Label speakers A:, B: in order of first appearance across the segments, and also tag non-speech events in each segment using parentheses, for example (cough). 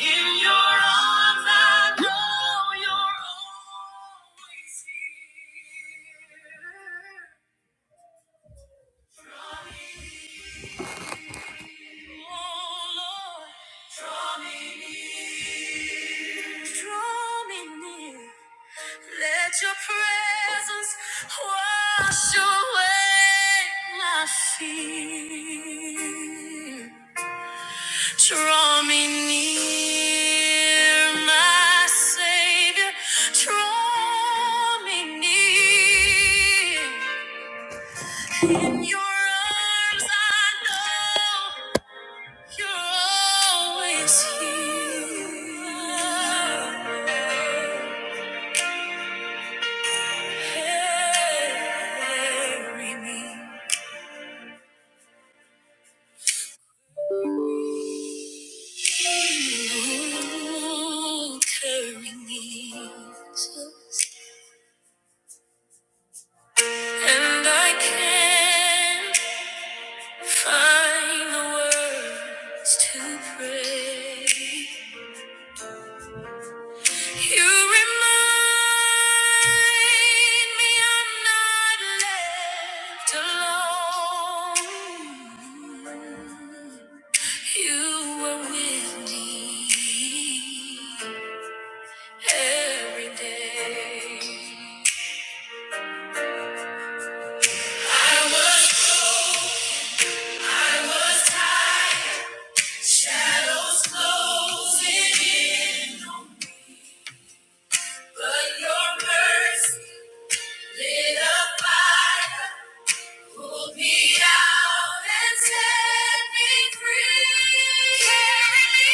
A: In your arms, I know you're always here. Draw me, oh Lord, draw me near. Draw me near. Let your presence wash away my fear. Draw me near, my Savior. Draw me near. In your arms, I know you're always here. Carry me. You carry me. Jesus. And I can't Find the words to pray. You remind me I'm not left alone. You were with me every day. I was, I was tired. Shadows closing in. But your mercy. Lit a fire, pulled me out and set me free. Carried me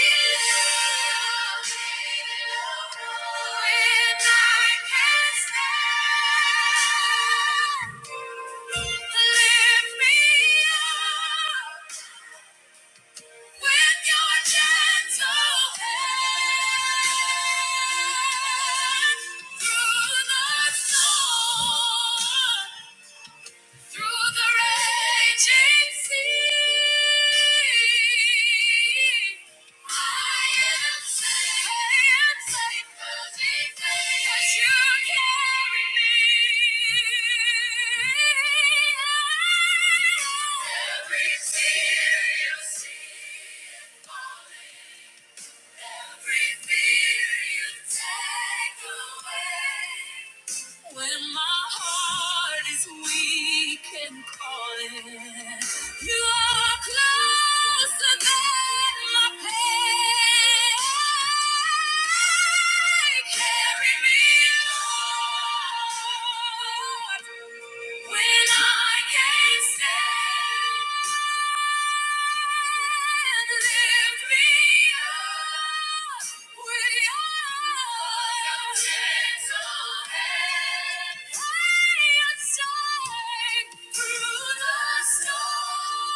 A: out when I can't stand. Lift me up with your gentle hand through the storm. Through the raging sea, I am safe. I am safe 'cause he saves. 'Cause you carry me. Every tear you see falling. Every fear you take away. When my heart is weak and calling, you are closer than my pain. Carry me, Lord, when I can't stand. Through the storm.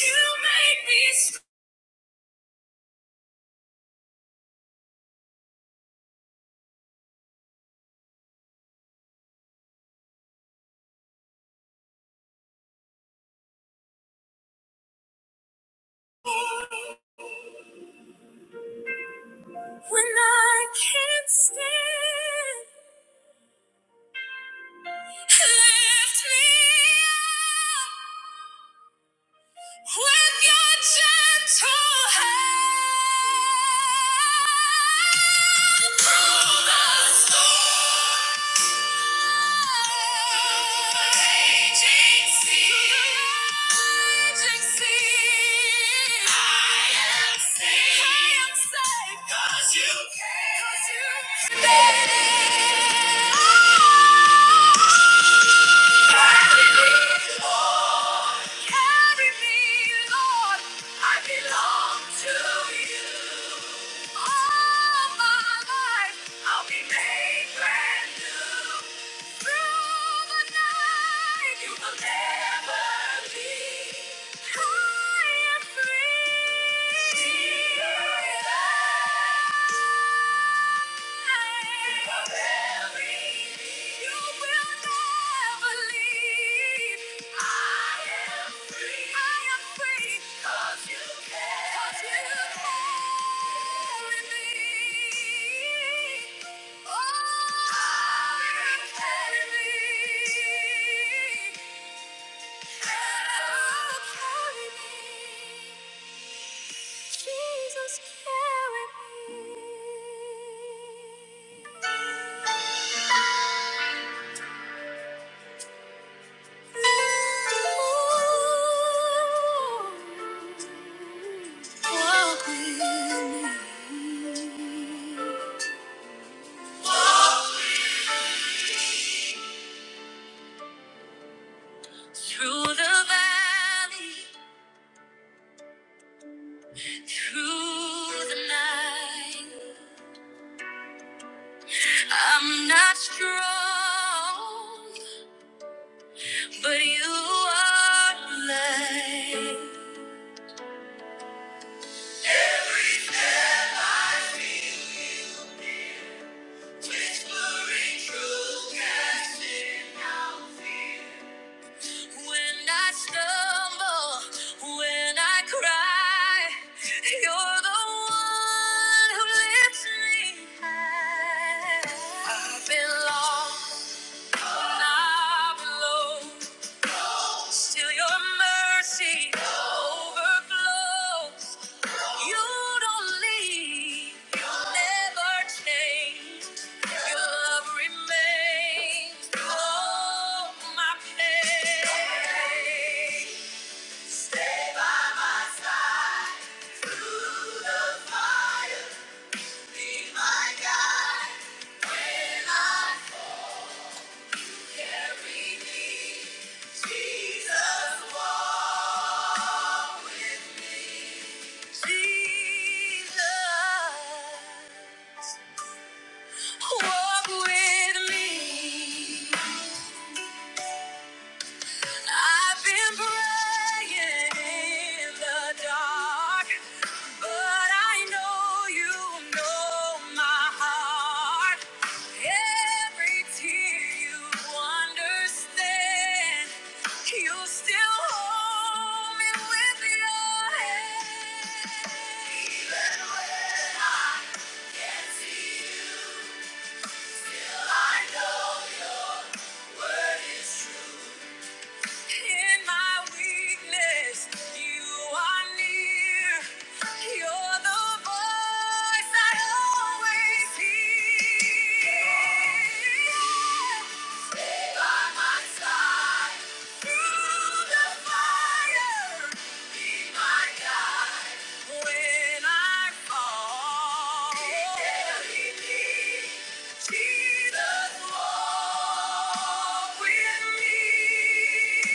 A: You make me strong when I can't stand. Lift me up. With your gentle hand, through the storm, raging sea, raging sea, I am safe. I am safe 'cause you came. 'Cause you came. I am free. Thank you. Jesus, carry me. Ooh, walk with me. Through the valley, through the night, I'm not strong, but you are light. Whispering truth When I stumble, when I cry, you're the one who lifts me high. I've I've Still your mercy overflows. You don't leave, you never change. Your love remains through all my pain. Stay by my side. Be my guide. May life carry me. Jesus, walk with me. walk with me. I've been praying in the dark, but I know you know my heart. Every tear you understand, you still hold me with your hand. Even as you, I know your word is true. In my weakness, you are near. You're the voice I always hear. Be By my side, through the fire, be my guide. When I fall, He carried me. Jesus, walk with me.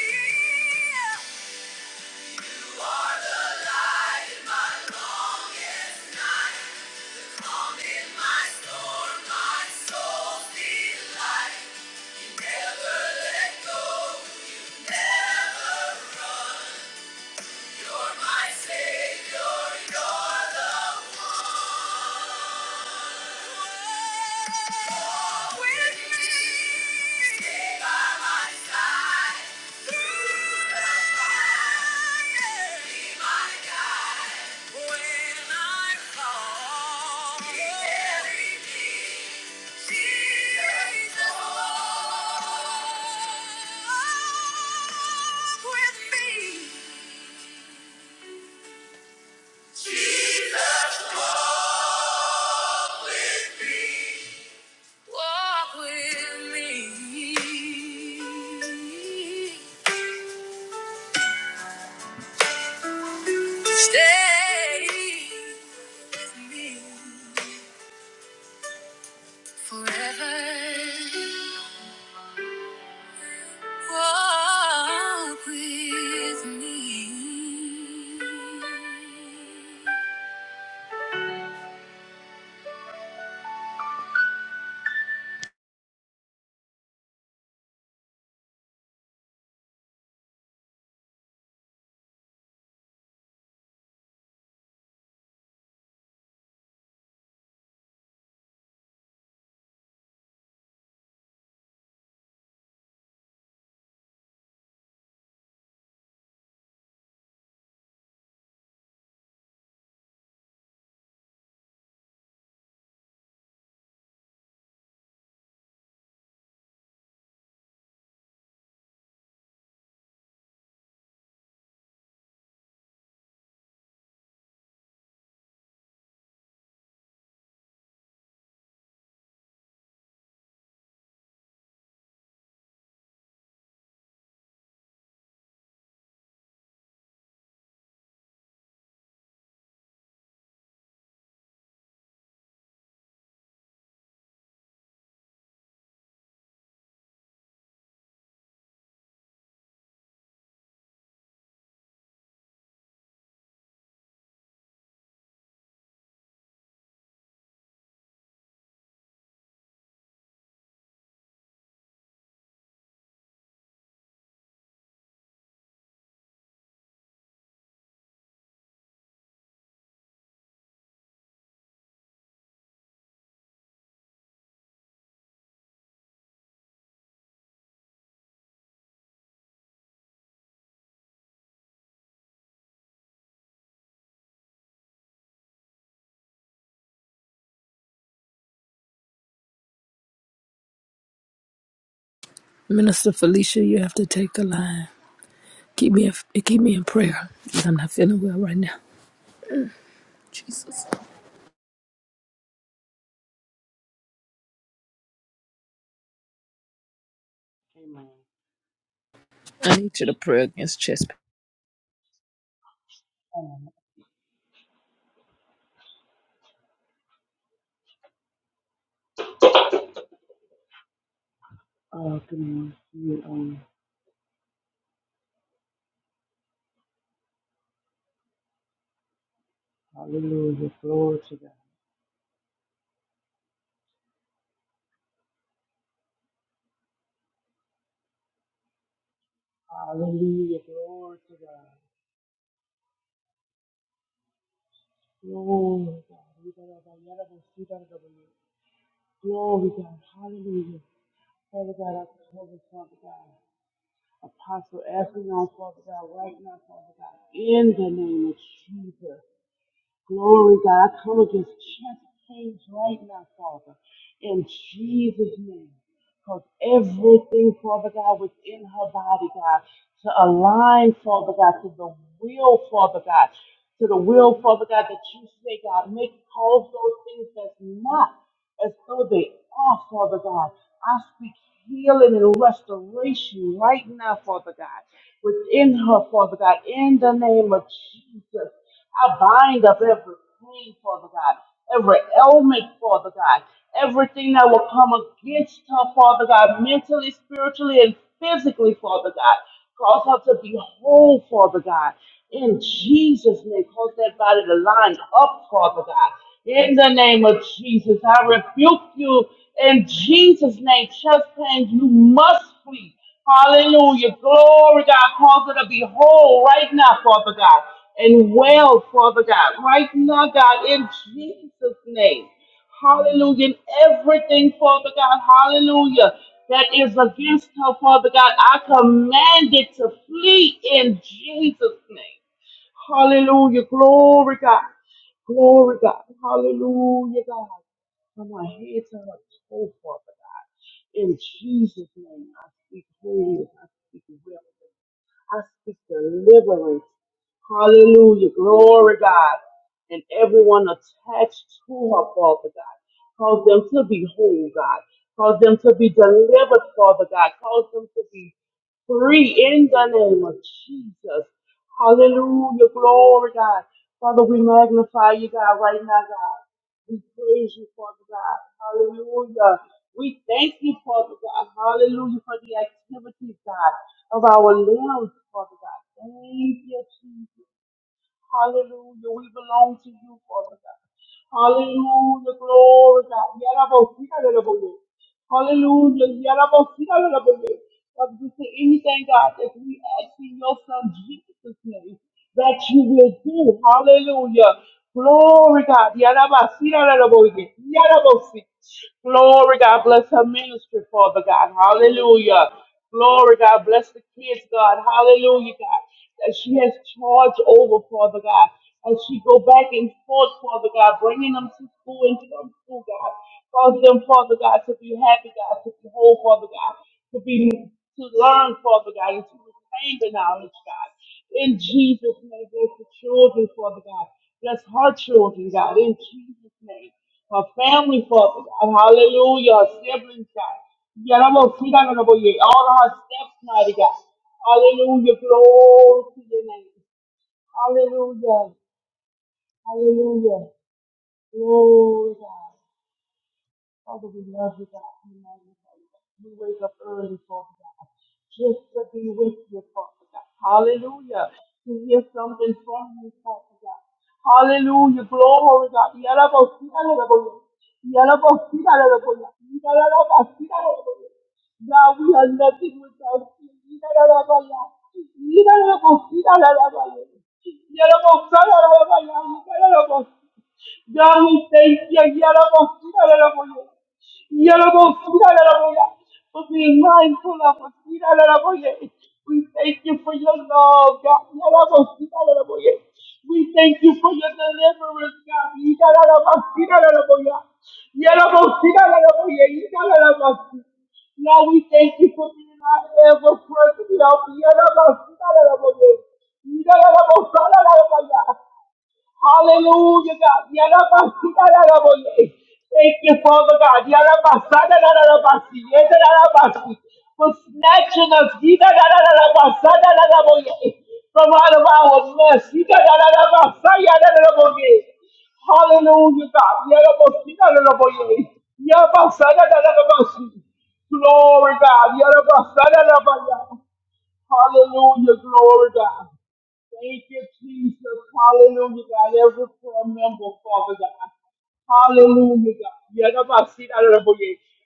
A: You are the light in my longest night. Calm in my storm, my soul's delight. You never let go, never. You're my savior, you're the one. Jesus Walk with me. Stay with me forever. Walk with me. Minister Felicia, you have to take the line. Keep me, in, keep me in prayer. I'm not feeling well right now.
B: Amen.
A: I need you to pray against chest pain.
B: Um, all things you on. Hallelujah. Glory to God. Hallelujah. Glory to God. Glory God. We got our God. Yet of us, we got our God. Glory God. Hallelujah. Father God, I pray this, Father God. Apostle Ephion, Father God, right now, Father God. In the name of Jesus. Glory, God. I Come against chest pains right now, Father, in Jesus' name. Because everything, Father God, within her body, God, to align, Father God, to the will, Father God, to the will, Father God, that you say, God, make all those things that's not as though they are, Father God. I speak healing and restoration right now, Father God, within her, Father God, in the name of Jesus. I bind up every pain, Father God, every ailment, Father God, everything that will come against her, Father God, mentally, spiritually, and physically, Father God. Cause her to be whole, Father God. In Jesus' name, cause that body to line up, Father God. In the name of Jesus, I rebuke you. In Jesus' name, chest pains, you must flee. Hallelujah. Glory, God. Cause her to be whole right now, Father God, and well, Father God, right now, God, in Jesus' name. Hallelujah. In everything, Father God, hallelujah, that is against her, Father God, I command it to flee in Jesus' name. Hallelujah. Glory, God. Glory, God. Hallelujah, God from our head to her toe, Father God. In Jesus' name, I speak wholeness. I speak wellness. I speak deliverance. Hallelujah. Glory, God. And everyone attached to her, Father God. Cause them to be whole, God. Cause them to be delivered, Father God. Cause them to be free in the name of Jesus. Hallelujah. Glory, God. Father, we magnify you, God, right now, God. We praise you, Father God. Hallelujah. We thank you, Father God. Hallelujah for the activities, God, of our limbs, Father God. Thank you, Jesus. Hallelujah. We belong to you, Father God. Hallelujah. Glory, God. Yarabosita, Lord. Hallelujah. Yarabosita, Lord. Father, we say anything, God, that we ask in your Son Jesus' name, that you will do. Hallelujah. Glory, God. Yarabosita, Lord. Yarabosita. Glory, God. Bless her ministry, Father God. Hallelujah. Glory, God. Bless the kids, God. Hallelujah, God that she has charge over, Father God. As she go back and forth, Father God, bringing them to school and from school, God. Cause them, Father God, to be happy, God, to be whole, Father God, to be to learn, Father God, and to retain the knowledge, God. In Jesus' name, bless the children, Father God. Bless her children, God, in Jesus' name. Her family, Father God. Hallelujah. Her siblings, God. Yeah, I'm gonna see that on the boy. All of her steps, mighty God. Hallelujah. Glory to your name. Hallelujah. Hallelujah. Glory to God. Father, we love you, God. We magnify you, God. We wake up early, Father God, just to be with you, Father God. Hallelujah. To hear something from you, Father God. Hallelujah. Glory, to God. Yalabosita, yalabosita, yalabosita, yalabosita, yalabosita, yalabosita. God, we are nothing without you. God, we thank you. For being mindful of us. We thank you for your love, God. We thank you for your deliverance, God. Yalabosita, yalabosita, Lord, we thank you for being our ever present help. Yadabasalabaye. Yadabasalabaye. Hallelujah, God. Yarabasi, Thank you, Father God. Yarabasa-da-da-da-da-basi, yeda-da-da-basi, For snatching us yida-da-da-da-da-basa-da-da-da-boye, from out of our mess. Yida-da-da-da-basa, yada-da-da-boye. Hallelujah, God. Yarabasi-da-da-da-boye, yabasa-da-da-da-da-basi. Glory, God. Yarabasa-da-da-da-baya. Hallelujah, glory God. Thank you, Jesus. Hallelujah, God. Every prayer member, Father God. Hallelujah, God. Yeah, that's why I see that in the book.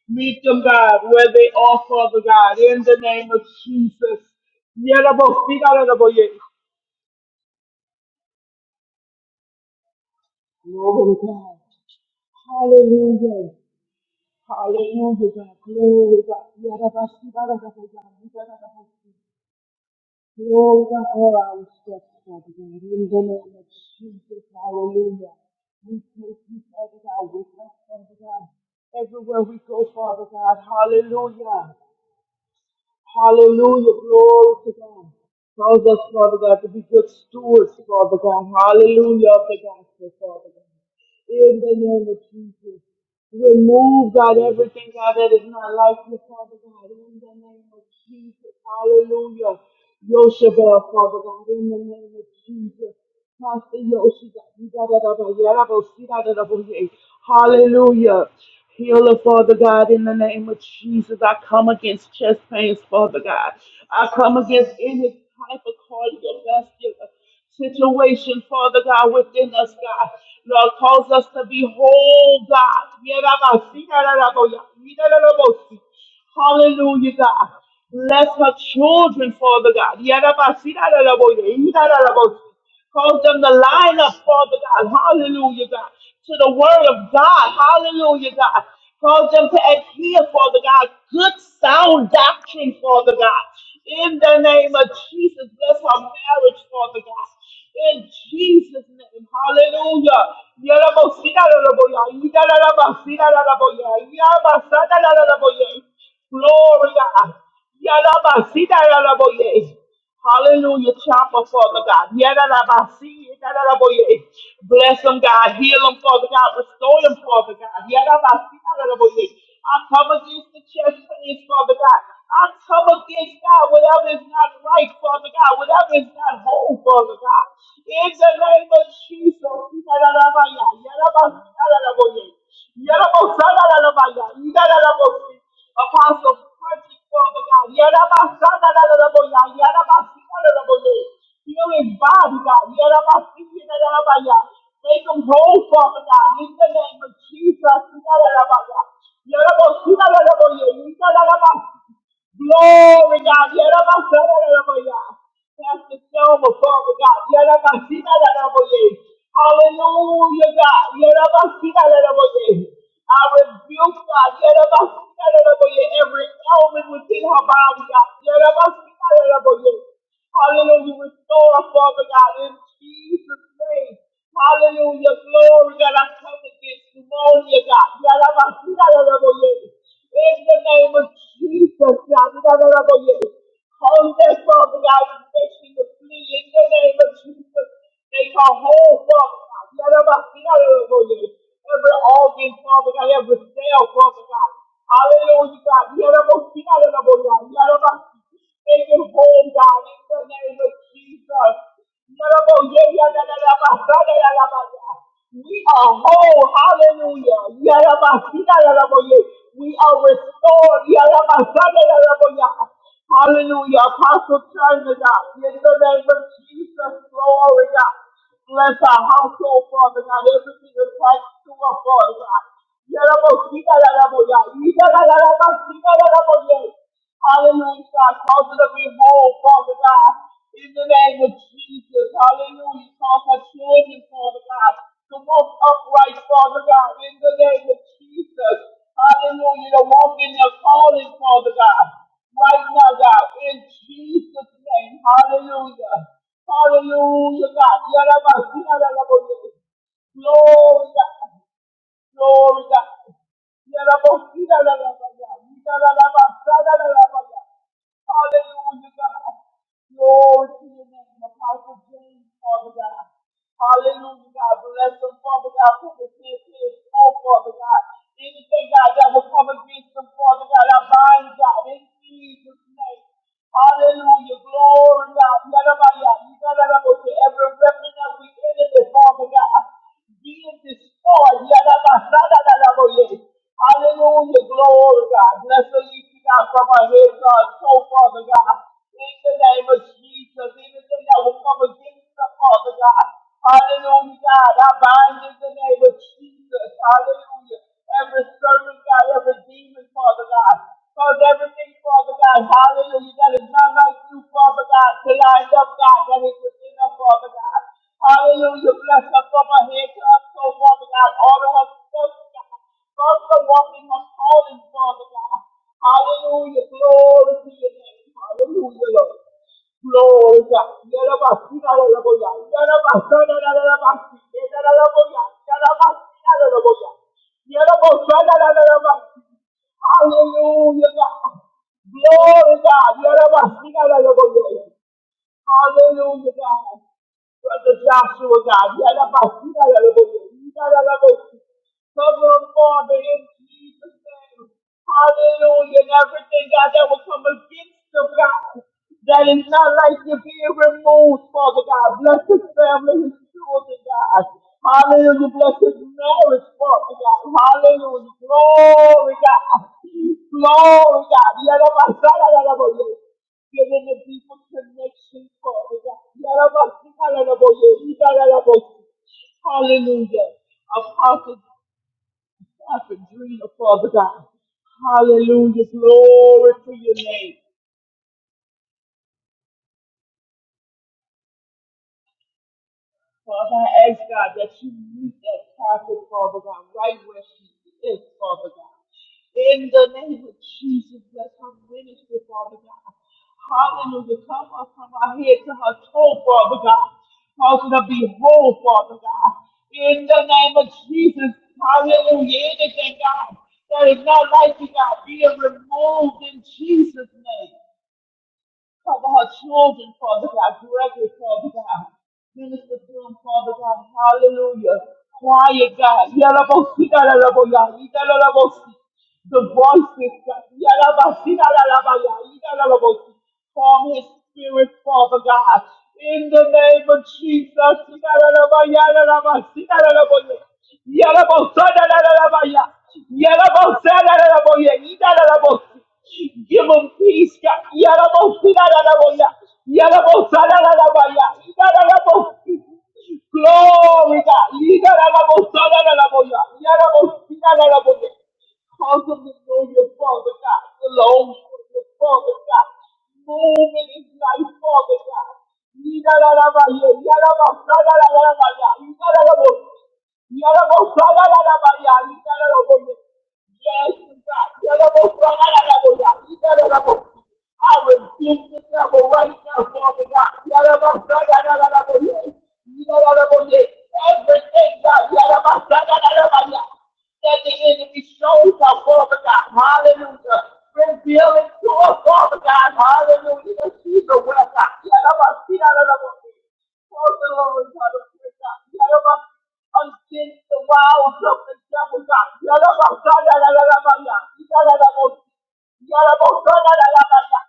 B: Meet them, God, where they are, Father God, in the name of Jesus. Yeah, that's why I see that in the book. Glory God. Hallelujah. Hallelujah, God. Glory God. Yeah, that's why I see that in the book. Glory to all our steps, Father God, in the name of Jesus, hallelujah. We take you, Father God, with us, Father God, everywhere we go, Father God, hallelujah. Hallelujah. Glory to God. Cause us, Father God, to be good stewards, Father God. Hallelujah of the gospel, Father God. In the name of Jesus. Remove, God, everything, God, that is not like you, Father God. In the name of Jesus. Hallelujah. Yoshabel, Father God. In the name of Jesus. Hallelujah. Healer, Father God, in the name of Jesus. I come against chest pains, Father God. I come against any type of cardiovascular situation, Father God, within us, God. Lord, cause us to be whole, God. Hallelujah, God. Bless her children, Father God. Yarabasirararaboye, irararaboye. Cause them to line up, Father God. Hallelujah, God. To the word of God. Hallelujah, God. Cause them to adhere, Father God. Good sound doctrine, Father God. In the name of Jesus, bless our marriage, Father God. In Jesus' name, hallelujah. Glory, God. Hallelujah, chopper, Father God. Yadadabasi, yadadaboye. Bless them, God. Heal them, Father God. Restore them, Father God. Yadadabasi, yadadaboye. I come against the chest pains, Father God. I come against God, whatever is not right, Father God, whatever is not whole, Father God. In the name of Jesus, yadadabaya, yadabasi, yadadaboye. Yadabosala, yadabaya, yadadabosi. Apostle mercy, Father God. Yarabasandaraboya, yarabasandaraboya. Heal his body, God. Yarabasandaraboya. Make him whole, Father God. In the name of Jesus. Yarabasandaraboya. Yarabasandaraboya. Yarabasandaraboya. Glory, God. Yarabasandaraboya. Pastor Selma, Father God. Yarabasandaraboya. Hallelujah, God. Yarabasandaraboya. I rebuke God. Every element within her body, God. Hallelujah. Restore, Father God, in Jesus' name. Hallelujah. Glory, God. I come against pneumonia, God. In the name of Jesus, God. Hold that Father God infection to flee in the name of Jesus. Make our whole Father God. Every organ, Father God, every cell, Father Father God. Hallelujah, God. We are about to be out of the God. We are about to take it home, God, in the name of Jesus. We are about- yeah, yeah, yeah, yeah, yeah, yeah, yeah, yeah, yeah, yeah, yeah. We are whole. Hallelujah. Yeah, yeah, yeah, yeah, yeah, yeah, yeah, yeah. We are restored. Yeah, yeah, yeah, yeah, yeah, yeah, yeah, yeah. Hallelujah. Apostle China, God. In the name of Jesus, glory, God. Bless our household, Father God. Everything attached to our Father God. Hallelujah, God. Cause it to be whole, Father God. In the name of Jesus. Hallelujah. Cause our children, Father God, to walk upright, Father God. In the name of Jesus. Hallelujah. To walk in their calling, Father God. Right now, God. In Jesus' name. Hallelujah. Hallelujah, God. Glory, God. Glory God. Yarabosita la la la la. Yita la la ba, sa la Sada la la la la. Hallelujah, God. Glory to your name, Apostle James, Father God. Hallelujah, God. Bless them, Father God, for the fear is all, Father God. Anything, God, that will come against them, Father God, I bind, God, in Jesus' name. Hallelujah, glory, God. Yarabaya, yita la la la. Every weapon that we enemy, Father God being destroyed. Yadabasadaboye. Hallelujah. Glory, God. Bless the leaking out from our head, God. So, Father God, in the name of Jesus, anything that will come against the Father God. Hallelujah, God. I bind in the name of Jesus. Hallelujah. Every servant, God, every demon, Father God. Cause everything, Father God, hallelujah, that is not like you, Father God, to line up, God, that is within us, Father. Father God. Hallelujah. Bless her from her head to her toe, Father God. Order her steps, God. Bless her walking her calling, Father God. Hallelujah. Glory to your name. Hallelujah, Lord. Glory, God. Yarabasina, Lord, God. Yarabasana, Yarabasi. Yarabasina, Yarabasina, Lord, God. Yarabasana, Yarabasi. Hallelujah, God. Glory, God. Yarabasina, Lord, God. Hallelujah, God. Brother Joshua, God. Yeah, that's about you. Yeah, that's about you. Yeah, that's about you. Cover him, Father, in Jesus' name. Hallelujah. And everything, God, that will come against the God, that is not like you being removed, Father God, bless his family, his children, God. Hallelujah, bless his marriage, Father God. Hallelujah, glory, God. Glory, God. Yalabasalalalabaya. Give him a deeper connection, Father God. Yalabasalalalabaya. Ibalalabaya. Hallelujah. Apostle, Apostle Dreamer, Father God. Hallelujah, glory to your name. Father, I ask God that you meet that prophet, Father God, right where she is, Father God. In the name of Jesus, bless her ministry, Father God. Hallelujah. Come up from her head to her toe, Father God. Cause her to be whole, Father God. In the name of Jesus, hallelujah. Anything, God, that is not like you, God, be it removed in Jesus' name. Cover her children, Father God. Gregory, Father God. Minister to him, Father God. Hallelujah. Quiet God. Yalabosi, Yalaboya, Yalabosi. The voices, God. Yalabasi, Yalabaya, Yalabosi. Form his spirit, Father God. In the name of Jesus. Yalalabaya, Yalabasi, Yalaboya. Yalabosa, Yalabaya. Yalabosa, Yalaboya, Yalabosi. Give them peace, God. Yarabosidadadaboya. Yarabosadadadabaya. Yarabosi- Glory, God. Yidadabosadadadaboya. Yarabosidadadaboya. Cause them to know your Father, God. The Lord, is your Father, God. Move in his life, Father, God. Yidadadabaya. Yarabosadadadabaya. Yarabosi- Yarabosadadadabaya. Yarabosi- Yes, God. I rebuke the devil right now, Father God. Everything, God, that the enemy shows our Father God. Hallelujah. Reveal it to us, Father God. Hallelujah. That she's a well, God. Close the Lord, God against the wall of the devil, God. Yalabakadadadadabaya. Yalabakos- Yalabakadadadabaya.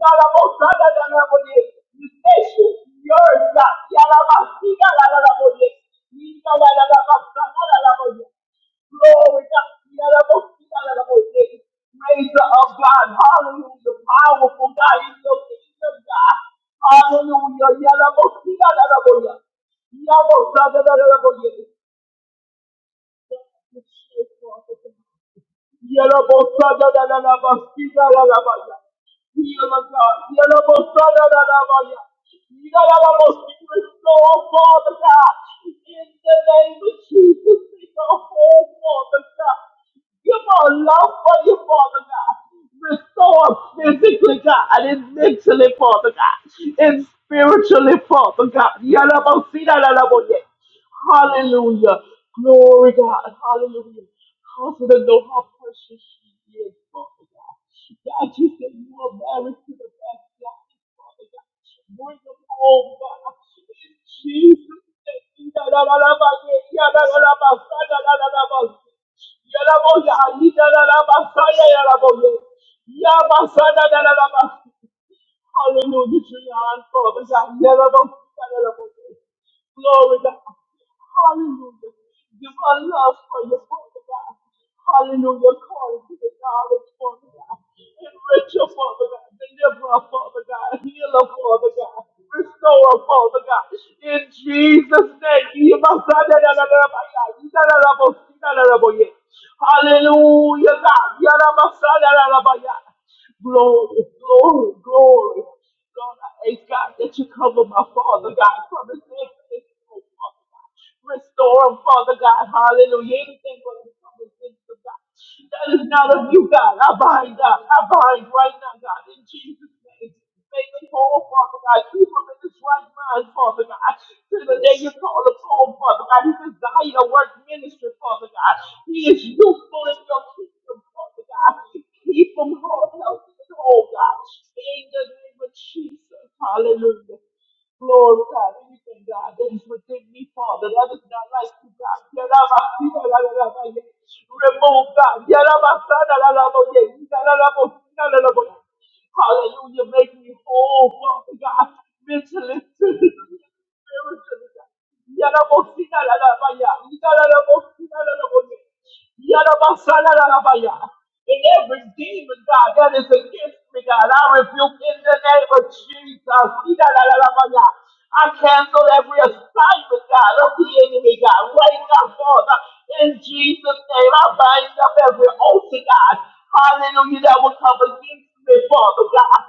B: Yalabakadadadabaye. You station yours, God. Yalabakadadadabaye. Yalabakadadadabaye. Glory to God. Razor of God. Hallelujah. Powerful God. He's the King of God. Hallelujah. Yalabosiyalalaboya. Yalabosiyalalaboya. Yellow Bosada da la la Bastida la la Baya. Yellow Bosada da la Baya. Yellow Bosada da Father God. In the name of Jesus, take our whole Father God. Give our love for you, Father God. Restore us Physically, God, and mentally, Father God, and spiritually, Father God. Yalabosi, yalaboye. Hallelujah. Glory God. Hallelujah. confident her know how precious she is, Father God. God, you said you are married to the best God, Father God. Bring them home, God. In Jesus' name. Yalaboya, yalaboya, yalaboya. Yamasana, yalaboya. Hallelujah, Julian, Father, God, never don't Glory God. Hallelujah. Give our love for you, Father God. Hallelujah. Call to the knowledge, Father God. Enrich your Father God. Deliver our Father God. Heal our Father God. Restore our Father God. In Jesus' name. give us that, that, that, that, that, that, that, that, that, that, that, that, that, that, yeah. Hallelujah, God. Yarabasa, yarabaya. Glory, glory, glory. Lord, I ask God that you cover my father, God, from his next oh, Father God. Restore him, Father God. Hallelujah. Anything but his father's of God. That is not of you, God. I bind, God. I bind right now, God, in Jesus' name. Make them whole, Father God. Keep them in this right mind, Father God. To the day you call us home, Father God. His desire to work ministry, Father God. He is useful in your kingdom, Father God. Keep them whole, healthy, and whole, God. In the name of Jesus. Hallelujah. Lord God, anything, God, that is within me, Father, that is not like you, God. Yarabasirarararabaye. Remove, God. Yarabasarararabaye. Yarabasirararabaye. Hallelujah. Make me whole, Father God, mentally, (laughs) physically, spiritually, God. Yarabosina la la baya. Yarabosina la la baya. Yarabasala la la baya. In every demon, God, that is against me, God, I rebuke in the name of Jesus. Ina la la la baya. I cancel every assignment, God, of the enemy, God, right now, Father. In Jesus' name, I bind up every altar, God. Hallelujah, that will come against me, Father God.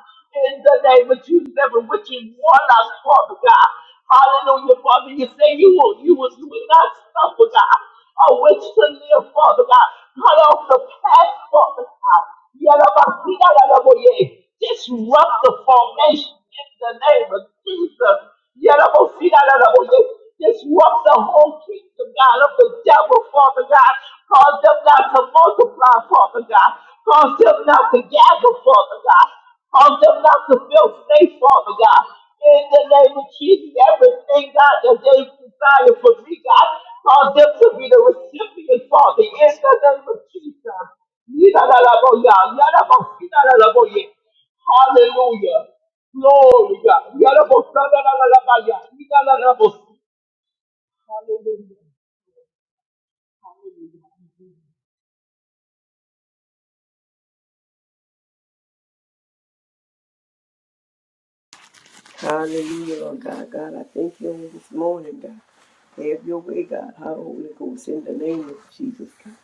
B: In the name of Jesus, every witch and warlock, Father God. Hallelujah, Father. You say you will, you will, you will not suffer, God. I wish to live, Father God. Cut off the past, Father God. Yadabasiyadadaboye. Disrupt the formation in the name of Jesus. Yadabasiyadadaboye. Disrupt the whole kingdom, God, of the devil, Father God. Cause them not to multiply, Father God. Cause them not to gather, Father God. Cause them not to feel safe, Father God. In the name of Jesus, everything, God, that they desire for me, God, cause them to be the recipient, Father, in the name of Jesus. Yidadadaboya, yadaboshinadadaboye. Hallelujah. Glory, God. Yadabosadadadadabaya, yidadadabosi. Hallelujah.
C: Hallelujah, Lord God. God, I thank you on this morning, God. Have your way, God. How Holy Ghost in the name of Jesus, God.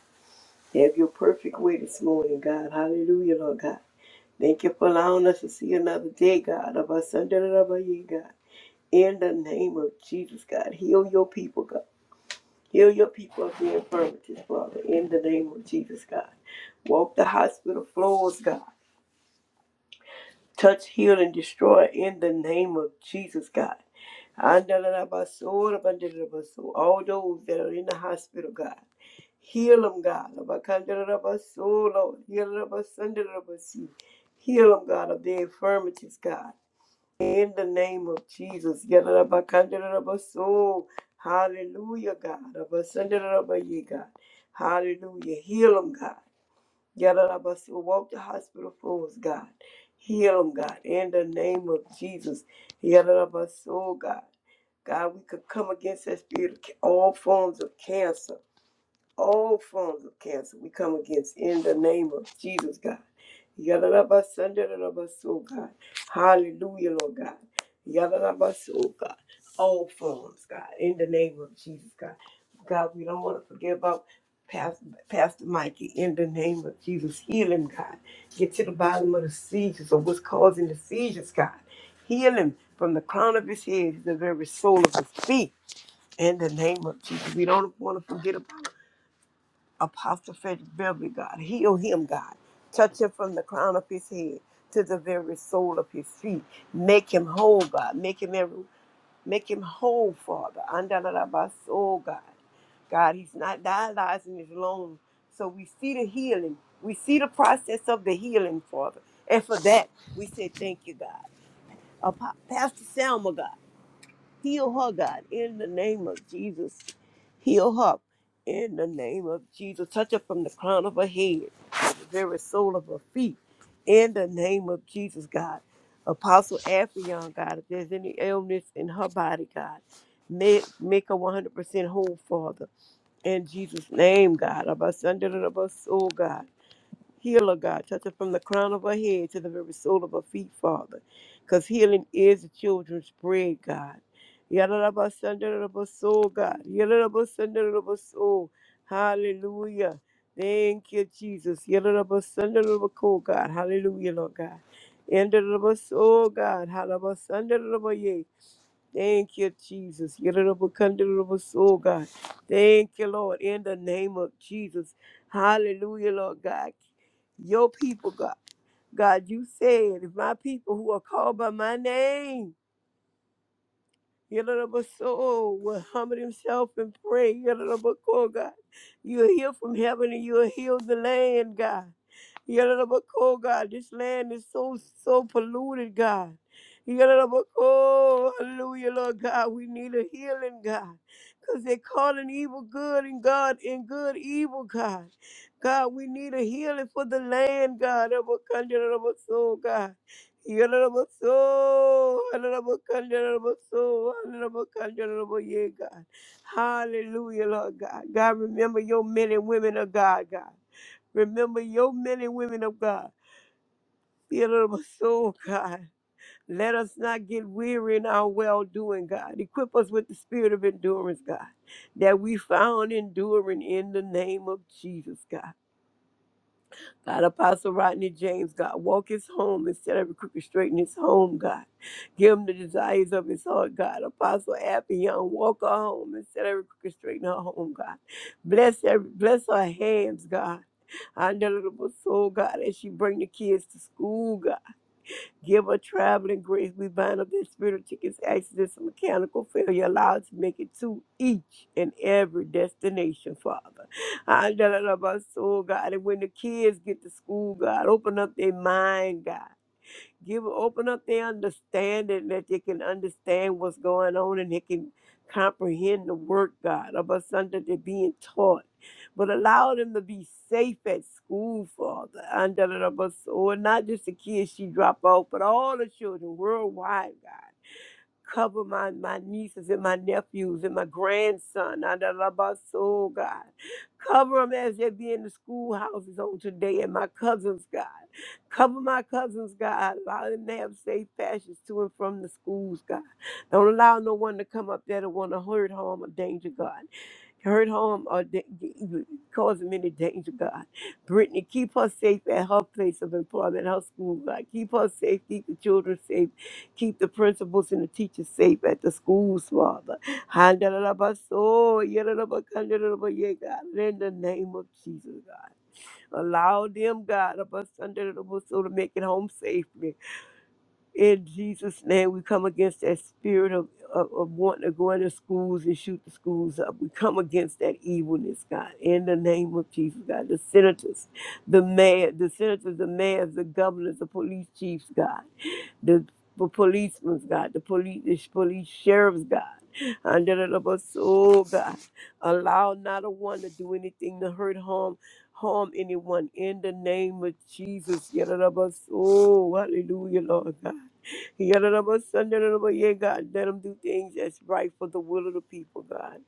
C: Have your perfect way this morning, God. Hallelujah, Lord God. Thank you for allowing us to see another day, God, of our Sunday, of our year, God. In the name of Jesus, God. Heal your people, God. Heal your people of the infirmities, Father. In the name of Jesus, God. Walk the hospital floors, God. Touch, heal, and destroy in the name of Jesus, God. Andalabaso, rabandalabaso. All those that are in the hospital, God. Heal them, God. Abacandalabaso, Lord. Heal them, abasandalabasi. Heal them, God, of their infirmities, God. In the name of Jesus. Yalabacandalabaso. Hallelujah, God. Abasandalabaye, God. Hallelujah. Heal them, God. Yadarabasi, walk the hospital floors, God. Heal them, God, in the name of Jesus. Yadarabasi, oh God. God, we could come against that spirit of ca- all forms of cancer all forms of cancer we come against in the name of Jesus, God. Yadadabasandaradabas, God. Hallelujah, Lord God. Yadadabas, oh God. All forms, God, in the name of Jesus, God. God, we don't want to forget about Pastor, Pastor Mikey in the name of Jesus. Heal him, God. Get to the bottom of the seizures or what's causing the seizures, God. Heal him from the crown of his head to the very sole of his feet in the name of Jesus. We don't want to forget about Apostle Frederick Beverly, God. Heal him, God. Touch him from the crown of his head to the very sole of his feet. Make him whole, God. Make him every, make him whole, Father. Andalarabaso, God. God, he's not dialyzing his lungs. So we see the healing. We see the process of the healing, Father. And for that, we say thank you, God. Apo- Pastor Selma, God. Heal her, God, in the name of Jesus. Heal her in the name of Jesus. Touch her from the crown of her head to the very sole of her feet in the name of Jesus, God. Apostle Afion, God, if there's any illness in her body, God, make, make her 100% whole, Father. In Jesus' name, God. Abba, Sunday, Abba, soul, God. Heal her, God. Touch her from the crown of her head to the very sole of her feet, Father. Because healing is the children's bread, God. Yadadabasandaradabasoo, God. Yadadabasandaradabasoo. Hallelujah. Thank you, Jesus. Yadadabasandaradabakoo, God. Hallelujah, Lord God. Yadadabasandaradabasoo, God. Hallelujah. Thank you, Jesus. Yororobokandorobos, Oh, God. Thank you, Lord, in the name of Jesus. Hallelujah, Lord God. Your people, God. God, you said, if my people who are called by my name Yadadabaso will humble himself and pray. Yadadabako, God. You'll hear from heaven and you'll heal the land, God. Yadadabako, God. This land is so, so polluted, God. Yadadabako, hallelujah, Lord God. We need a healing, God. Because they're calling evil good and God and good evil, God. God, we need a healing for the land, God. Yadadabako, God. Yalalabaso, yalalabakan, yalalabaso, yalalabakan, yalalabo- Yeah, God. Hallelujah, Lord God. God, remember your men and women of God, God. Remember your men and women of God. Yalalabaso, God. Let us not get weary in our well doing, God. Equip us with the spirit of endurance, God, that we found enduring in the name of Jesus, God. God, Apostle Rodney James, God, walk his home instead of crooked straight in his home, God. Give him the desires of his heart, God. Apostle Abby Young, walk her home instead of crooked straight in her home, God. Bless every, bless her hands, God. I know little soul, God, as she bring the kids to school, God. Give her traveling grace. We bind up this spirit of tickets, accidents, and mechanical failure. Allow us to make it to each and every destination, Father. I love our soul, God. And when the kids get to school, God, open up their mind, God. Give open up their understanding that they can understand what's going on and they can comprehend the word God about something they're being taught. But allow them to be safe at school, Father. Under the bus, or not just the kids she drop off, but all the children worldwide, God cover my, my nieces and my nephews and my grandson. Ah, da, da, ba, so, God. Cover them as they be in the schoolhouses on today and my cousins, God. Cover my cousins, God. Allow them to have safe passes to and from the schools, God. Don't allow no one to come up there to want to hurt, harm, or danger, God hurt, harm, or da- cause them any danger, God. Brittany, keep her safe at her place of employment, her school, God. Keep her safe, keep the children safe, keep the principals and the teachers safe at the schools, Father. Handalabaso, yadalabakandalaba, yeah, God. In the name of Jesus, God. Allow them, God, of us under the so to make it home safely. In Jesus' name, we come against that spirit of, of, of wanting to go into schools and shoot the schools up. We come against that evilness, God, in the name of Jesus, God. The senators, the mayor, the senators, the mayors, the governors, the police chiefs, God, the, the policemen, God, the police, the police sheriffs, God. Under the us, oh God, allow not a one to do anything to hurt, harm, harm anyone in the name of Jesus. Yet, oh, hallelujah, Lord God. Yadadaba, sundadadaba, Yeah, God, let them do things that's right for the will of the people, God.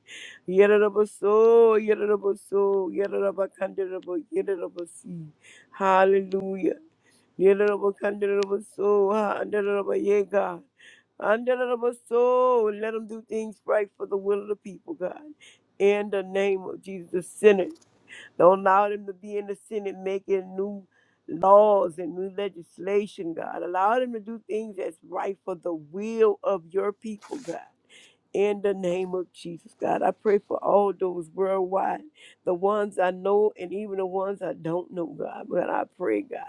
C: Yadadaba, so, yadadaba, so, yadadaba, kandadaba, yadadaba, see. Hallelujah. Yadadaba, kandadaba, so, ha, andadadaba, Yeah, God. Andadadaba, so, let them do things right for the will of the people, God. In the name of Jesus, sinners. Don't allow them to be in the Senate making new laws and new legislation, God. Allow them to do things that's right for the will of your people, God. In the name of Jesus, God, I pray for all those worldwide, the ones I know and even the ones I don't know, God. But I pray, God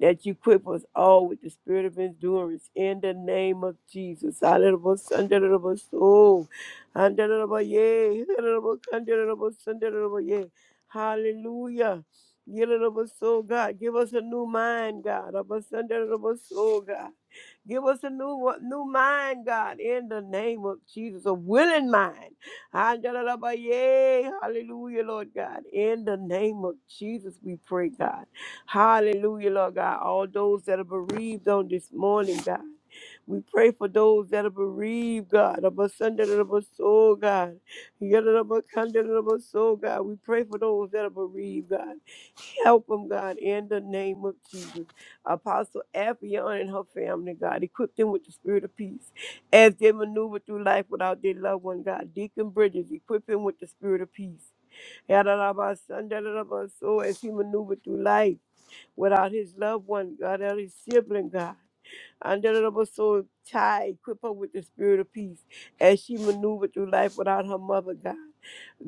C: that you equip us all with the spirit of endurance in the name of Jesus. Hallelujah. Hallelujah. Oh, hallelujah. Yea. Hallelujah. Hallelujah. Hallelujah. Hallelujah. Hallelujah. So, God, give us a new mind, God. Hallelujah. So, God. Give us a new new mind, God, in the name of Jesus, a willing mind. Yay, hallelujah, Lord God. In the name of Jesus, we pray, God. Hallelujah, Lord God. All those that are bereaved on this morning, God. We pray for those that are bereaved, God, of a Sunday of a soul, God. Yet of a Sunday of a soul, God. We pray for those that are bereaved, God. Help them, God, in the name of Jesus. Apostle Afion and her family, God, equip them with the spirit of peace as they maneuver through life without their loved one, God. Deacon Bridges, equip him with the spirit of peace. Yadalabasan, dadalabaso, As he maneuvered through life without his loved one, God, without his sibling, God. And so Ty, equip her with the spirit of peace as she maneuvered through life without her mother, God.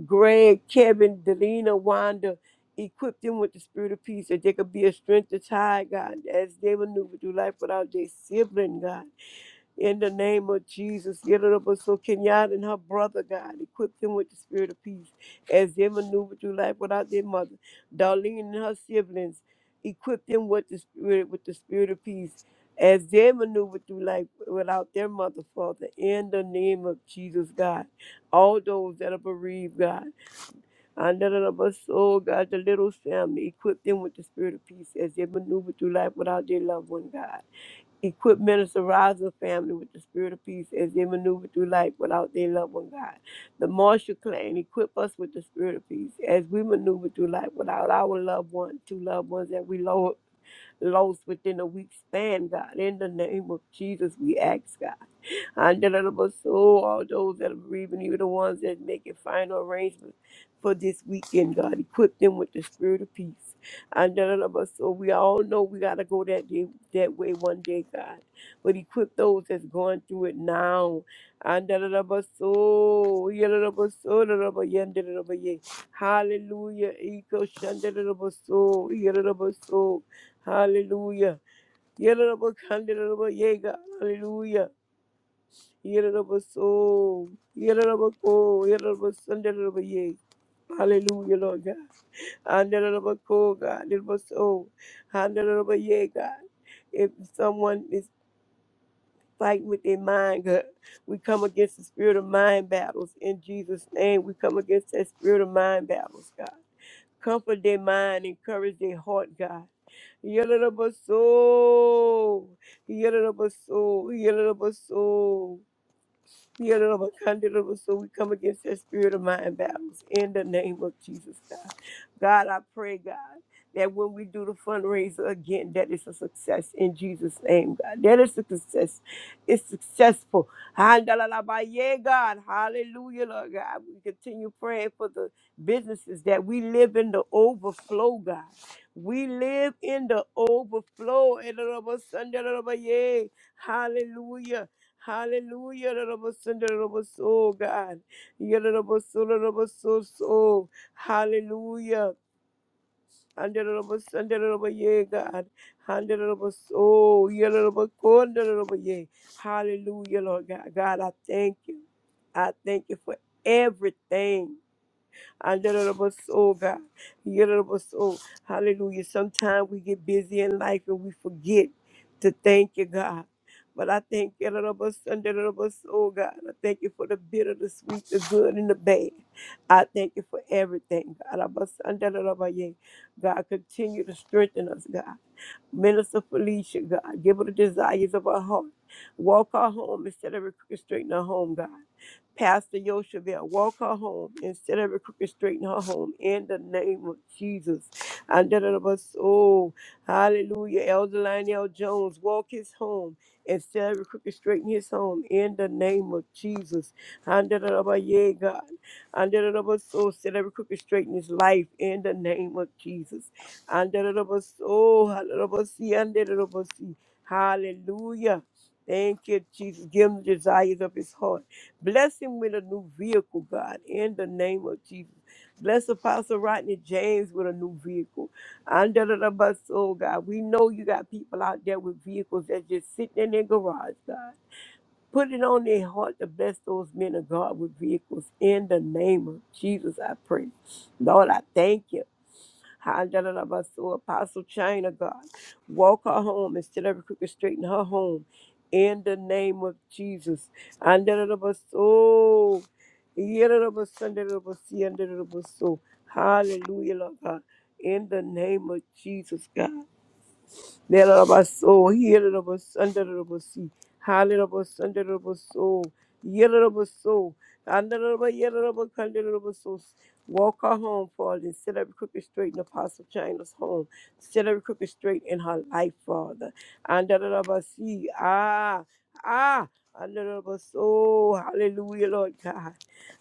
C: Greg, Kevin, Delina, Wanda, equip them with the spirit of peace that they could be a strength to tie, God, as they maneuver through life without their sibling, God. In the name of Jesus, get it up so Kenyatta and her brother, God, equip them with the spirit of peace as they maneuver through life without their mother. Darlene and her siblings, equip them with the spirit with the spirit of peace as they maneuver through life without their mother, Father. In the name of Jesus, God all those that are bereaved, God. Oh God, the little family, equip them with the spirit of peace as they maneuver through life without their loved one, God. Equip Minister Raza family with the spirit of peace as they maneuver through life without their loved one, God. The Marshall clan, equip us with the spirit of peace as we maneuver through life without our loved one, two loved ones that we lo- lost within a week span, God. In the name of Jesus, we ask, God. Honorable soul, all those that are bereaving, even the ones that making final arrangements for this weekend, God, equip them with the spirit of peace. Honorable soul, we all know we gotta go that day, that way one day, God. But equip those that's going through it now. Honorable soul, honorable soul, honorable yonder, honorable yea. Hallelujah, eco honorable soul, honorable soul, hallelujah. Honorable, honorable yea, God, hallelujah. Yerabaso, Yerabako, Yerabasundarabaye. Hallelujah, Lord God. Andarabako, God, Yerabaso, Andarabaye, God. If someone is fighting with their mind, God, we come against the spirit of mind battles in Jesus' name. We come against that spirit of mind battles, God. Comfort their mind, encourage their heart, God. Yerabaso, Yerabaso, Yerabaso. Yeah, Lord, kind of Lord, So we come against that spirit of mind battles in the name of Jesus, God. God, I pray, God, that when we do the fundraiser again, that is a success in Jesus' name, God. That is a success. It's successful. Handalalabaye, God. Hallelujah, Lord God. We continue praying for the businesses that we live in the overflow, God. We live in the overflow. Hallelujah. Hallelujah, Rabosunderabos, oh God. Yadadabaso, Hallelujah. Andadabasandadabaye, God. Handadabaso, yadadabakondadabaye. Hallelujah, Lord God. God, I thank you. I thank you for everything oh God. Yadadaba Soul. Hallelujah. Sometimes we get busy in life and we forget to thank you, God. But I thank you, Yadadaba Sunday, Yadadaba Soul, God. I thank you for the bitter, the sweet, the good, and the bad. I thank you for everything, God. Yadadaba Sunday, Yadadaba Yea. God, continue to strengthen us, God. Minister Felicia, God. Give her the desires of our heart. Walk our home instead of crooked straight in our home, God. Pastor Yosheville, walk her home instead of every crooked, straighten her home in the name of Jesus. And da da da us, oh, hallelujah. Elder Lionel Jones, walk his home instead of every crooked, straighten his home in the name of Jesus. And da da da us, yeah, God. And da da da us, oh, instead of every crooked, straighten his life in the name of Jesus. And da da da us, oh, hallelujah. bus- yeah, and da da da of us, Hallelujah. Thank you, Jesus. Give him the desires of his heart. Bless him with a new vehicle, God, in the name of Jesus. Bless Apostle Rodney James with a new vehicle. Under the bus, oh God, we know you got people out there with vehicles that just sitting in their garage, God. Put it on their heart to bless those men of God with vehicles in the name of Jesus, I pray. Lord, I thank you. Hallelujah. Apostle China, God. Walk her home instead of crooked, straighten her home. In the name of Jesus. Hallelujah. Oh. Hallelujah. Hallelujah, Lord God. In the name of Jesus, God. Lelabas, Healabas, Underabasi, Halilabas, Underabaso, Yelabaso, Underaba, Yelaba, Candelabaso. Walk her home, Father, set every crooked straight in Apostle China's home. Set every crooked straight in her life, Father. Under Underabasi, ah, ah. under Underabaso, hallelujah, Lord God.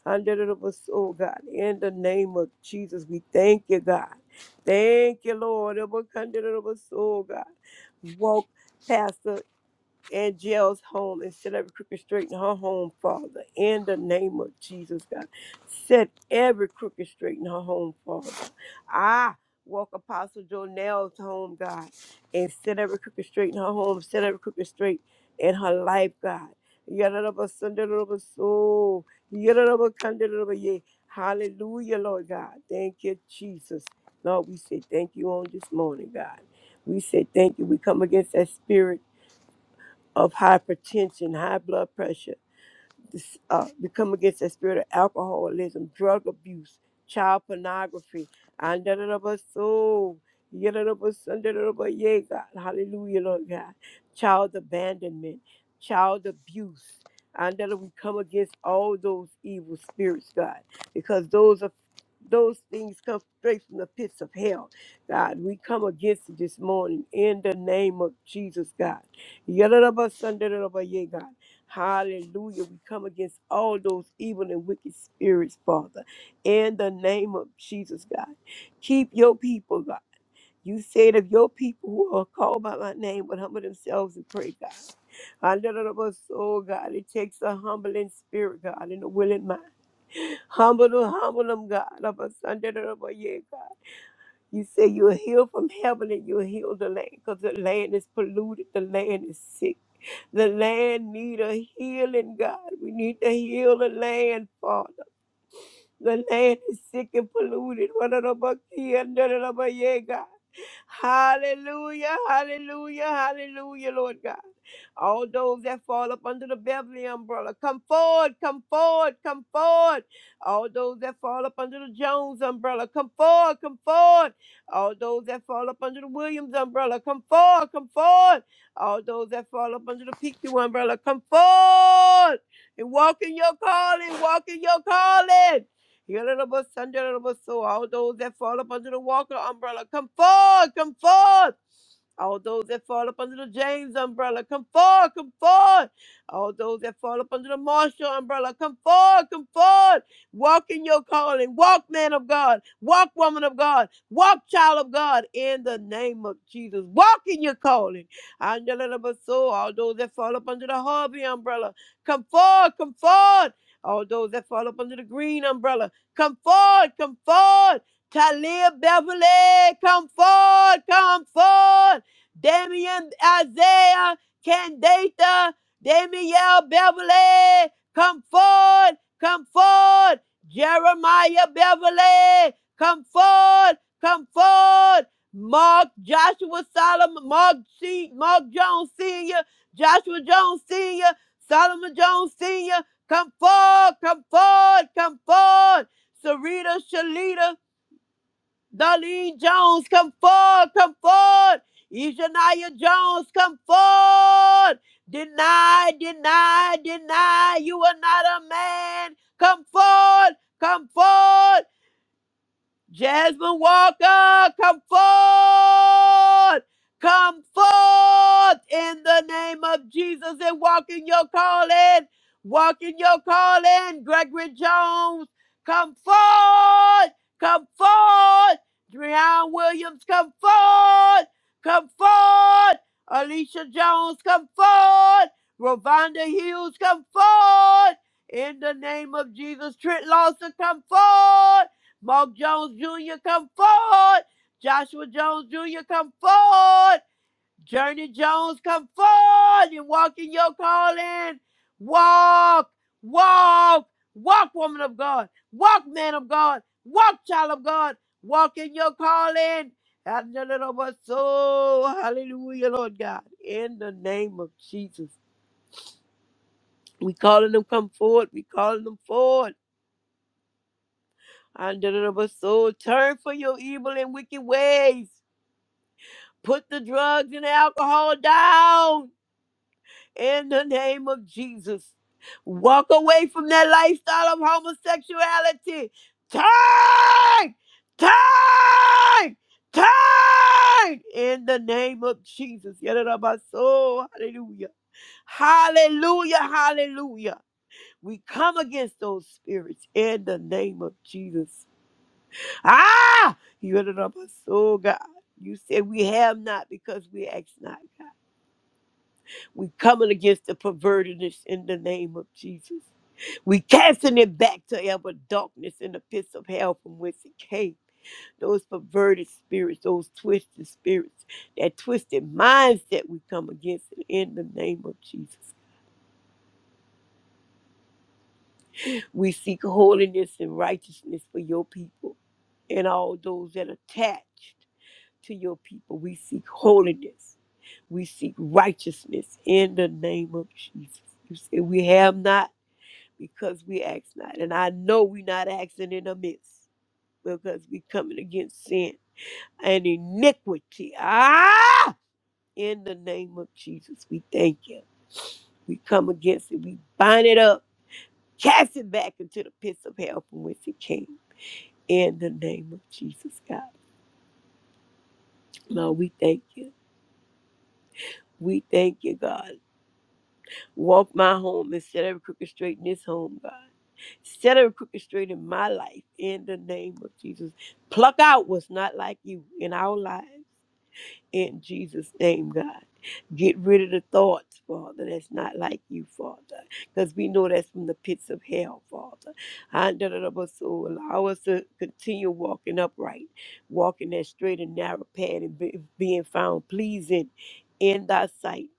C: Under Underabaso, God. In the name of Jesus, we thank you, God. Thank you, Lord. Abakandarabaso, God woke Pastor Angel's home and set every crooked straight in her home, Father. In the name of Jesus, God. Set every crooked straight in her home, Father. I walk Apostle Jonell's home, God, and set every crooked straight in her home, set every crooked straight in her life, God. Yadaraba Sundaraba soul. Yadadabasundarubaso, yadadabakandarabaye. Hallelujah, Lord God. Thank you, Jesus. Lord, we say thank you on this morning, God. We say thank you. We come against that spirit of hypertension, high blood pressure, this, uh, we come against the spirit of alcoholism, drug abuse, child pornography. And da da da ba so, ya da da ba son, da da da ba yea, God. Hallelujah, Lord God. Child abandonment, child abuse. And that we come against all those evil spirits, God, because those are those things come straight from the pits of hell. God, we come against it this morning in the name of Jesus, God. Ya da da ba son, da da da ba yea, God. Hallelujah. We come against all those evil and wicked spirits, Father, in the name of Jesus, God. Keep your people, God. You said if your people who are called by my name would humble themselves and pray, God. Hallelujah, soul, God. It takes a humbling spirit, God, and a willing mind. Humble them, humble them, God. Of us under the Lord, yeah, God. You say you'll heal from heaven and you'll heal the land because the land is polluted, the land is sick. The land need a healing, God. We need to heal the land, Father. The land is sick and polluted. One of the buck here, another of the other, yeah, God. Hallelujah, hallelujah, hallelujah, Lord God. All those that fall up under the Beverly umbrella, come forward, come forward, come forward. All those that fall up under the Jones umbrella, come forward, come forward. All those that fall up under the Williams umbrella, come forward, come forward. All those that fall up under the PQ umbrella, come forward and walk in your calling, walk in your calling. Yalabas, Sandalabas, so all those that fall up under the Walker umbrella, come forth, come forth. All those that fall up under the James umbrella, come forward, come forward. All those that fall up under the Marshall umbrella, come forward, come forward. Walk in your calling. Walk, man of God. Walk, woman of God. Walk, child of God, in the name of Jesus. Walk in your calling. Angela so, all those that fall up under the Harvey umbrella, come forward, come forward. All those that fall up under the green umbrella, Come forward, come forward. Talia Beverly, come forward, come forward. Damian Isaiah, Candata, Damiel Beverly, come forward, come forward. Jeremiah Beverly, come forward, come forward. Mark Joshua Solomon, Mark C, Mark Jones Sr., Joshua Jones Sr., Solomon Jones Sr., come forward, come forward, come forward. Sarita, Shalita, Darlene Jones, come forward, come forward. Ishaniah Jones, come forward. Deny, deny, deny. You are not a man. Come forward, come forward. Jasmine Walker, come forth. Come forth in the name of Jesus and walk in your calling. Walk in your calling. Gregory Jones, come forth. Come forth. Dreon Williams, come forth. Come forth. Alicia Jones, come forth. Rovonda Hughes, come forth. In the name of Jesus, Trent Lawson, come forth. Mark Jones Jr., come forward. Joshua Jones Jr., come forward. Journey Jones, come forward and walk in your calling. Walk, walk, walk, woman of God. Walk, man of God. Walk, child of God. Walk in your calling. And the little of us, so hallelujah, Lord God. In the name of Jesus. We calling them come forward. We calling them forward. And the little of us, so turn for your evil and wicked ways Put the drugs and alcohol down in the name of Jesus. Walk away from that lifestyle of homosexuality. Turn! Turn! Turn! In the name of Jesus. Yadadabaso. Hallelujah. Hallelujah. Hallelujah. We come against those spirits in the name of Jesus. Ah! Yadadabaso, God. You said we have not because we ask not. We coming against the pervertedness in the name of Jesus. We casting it back to ever darkness in the pits of hell from whence it came. Those perverted spirits, those twisted spirits, that twisted mindset we come against it in the name of Jesus. We seek holiness and righteousness for your people and all those that are attached to your people. We seek holiness. We seek righteousness in the name of Jesus. You say we have not because we ask not. And I know we're not asking in the midst because we're coming against sin and iniquity. Ah! In the name of Jesus, we thank you. We come against it. We bind it up, cast it back into the pits of hell from which it came. In the name of Jesus, God. Lord, we thank you. We thank you, God. Walk my home instead of crooked straight in this home, God. Set every crooked straight in my life in the name of Jesus. Pluck out what's not like you in our lives in Jesus' name, God. Get rid of the thoughts, Father, that's not like you, Father, because we know that's from the pits of hell, Father. And da- da- da- but so allow us to continue walking upright, walking that straight and narrow path and be, being found pleasing in thy sight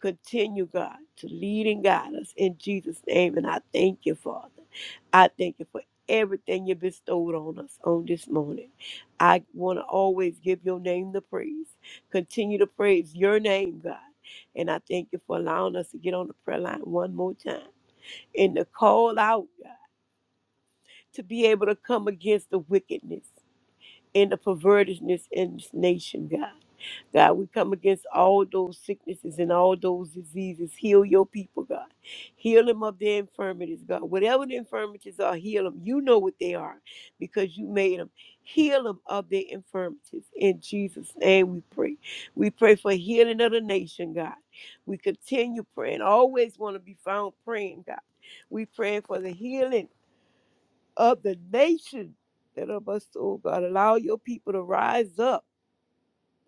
C: Continue, God, to lead and guide us in Jesus' name. And I thank you, Father. I thank you for everything you bestowed on us on this morning. I want to always give your name the praise. Continue to praise your name, God. And I thank you for allowing us to get on the prayer line one more time and to call out, God, to be able to come against the wickedness and the pervertedness in this nation, God. God, we come against all those sicknesses and all those diseases. Heal your people, God. Heal them of their infirmities, God. Whatever the infirmities are, heal them. You know what they are because you made them. Heal them of their infirmities. In Jesus' name we pray. We pray for healing of the nation, God. We continue praying. Always want to be found praying, God. We pray for the healing of the nation that of us, oh God. Allow your people to rise up.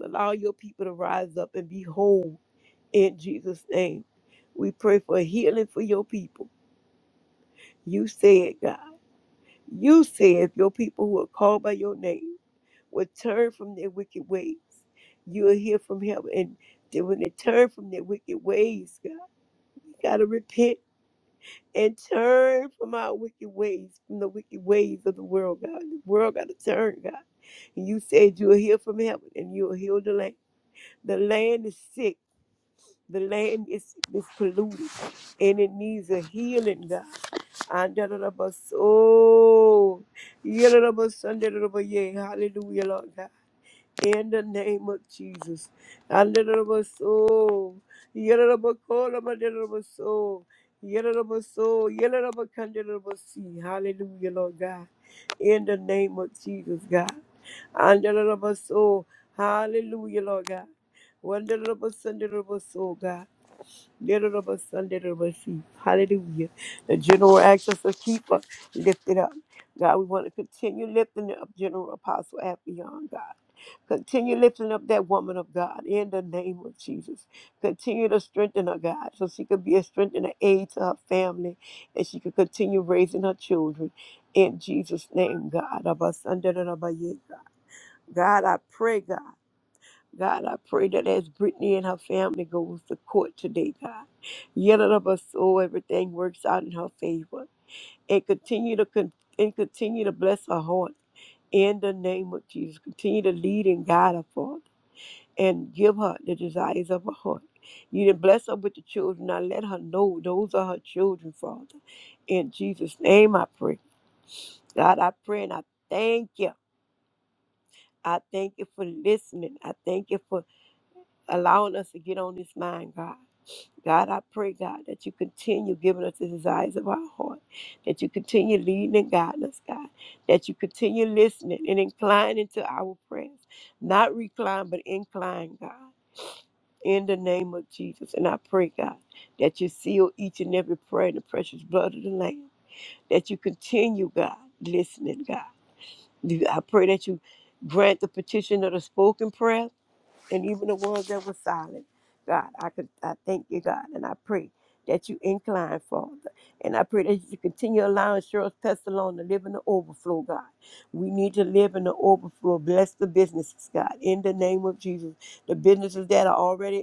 C: Allow your people to rise up and be whole in Jesus' name. We pray for healing for your people. You said, God. You said if your people who are called by your name would turn from their wicked ways, you will hear from heaven. And then when they turn from their wicked ways, God, we gotta repent. and turn from our wicked ways, from the wicked ways of the world, God. The world got to turn, God. And you said you'll heal from heaven and you'll heal the land. The land is sick. The land is, is polluted and it needs a healing, God. Andalabas- Oh, yelalabas- andalabas- yeah. Hallelujah, Lord God in the name of Jesus. Andarabaso, yararabakola, mandarabaso, yararabaso, yararabakandarabasi. Hallelujah, Lord God. In the name of Jesus, God. Andarabaso, hallelujah, Lord God. Wandarabasandarabasol, God. Yararabasandarabasi. Hallelujah. The general access of keeper lifted up. God, we want to continue lifting up General Apostle Appion, God. Continue lifting up that woman of God in the name of Jesus. Continue to strengthen her, God, so she could be a strength and an aid to her family and she could continue raising her children in Jesus' name, God. Abasandarabaye, God, God, I pray, God. God, I pray that as Brittany and her family goes to court today, God, yet of us so everything works out in her favor. And continue to con- and continue to bless her heart in the name of Jesus. Continue to lead and guide her, Father and give her the desires of her heart. You did bless her with the children. Now let her know those are her children, Father. In Jesus' name I pray. God, I pray and I thank you. I thank you for listening. I thank you for allowing us to get on this mind, God. God, I pray, God, that you continue giving us the desires of our heart, that you continue leading and guiding us, God, that you continue listening and inclining to our prayers. Not recline, but incline, God. in the name of Jesus. And I pray, God, that you seal each and every prayer in the precious blood of the Lamb, that you continue, God, listening, God. You- I pray that you grant the petition of the spoken prayer and even the ones that were silent. God, I could I thank you, God, and I pray that you incline, Father. And I pray that you continue allowing Cheryl's Pestalone to live in the overflow, God. We need to live in the overflow. Bless the businesses, God, in the name of Jesus. The businesses that are already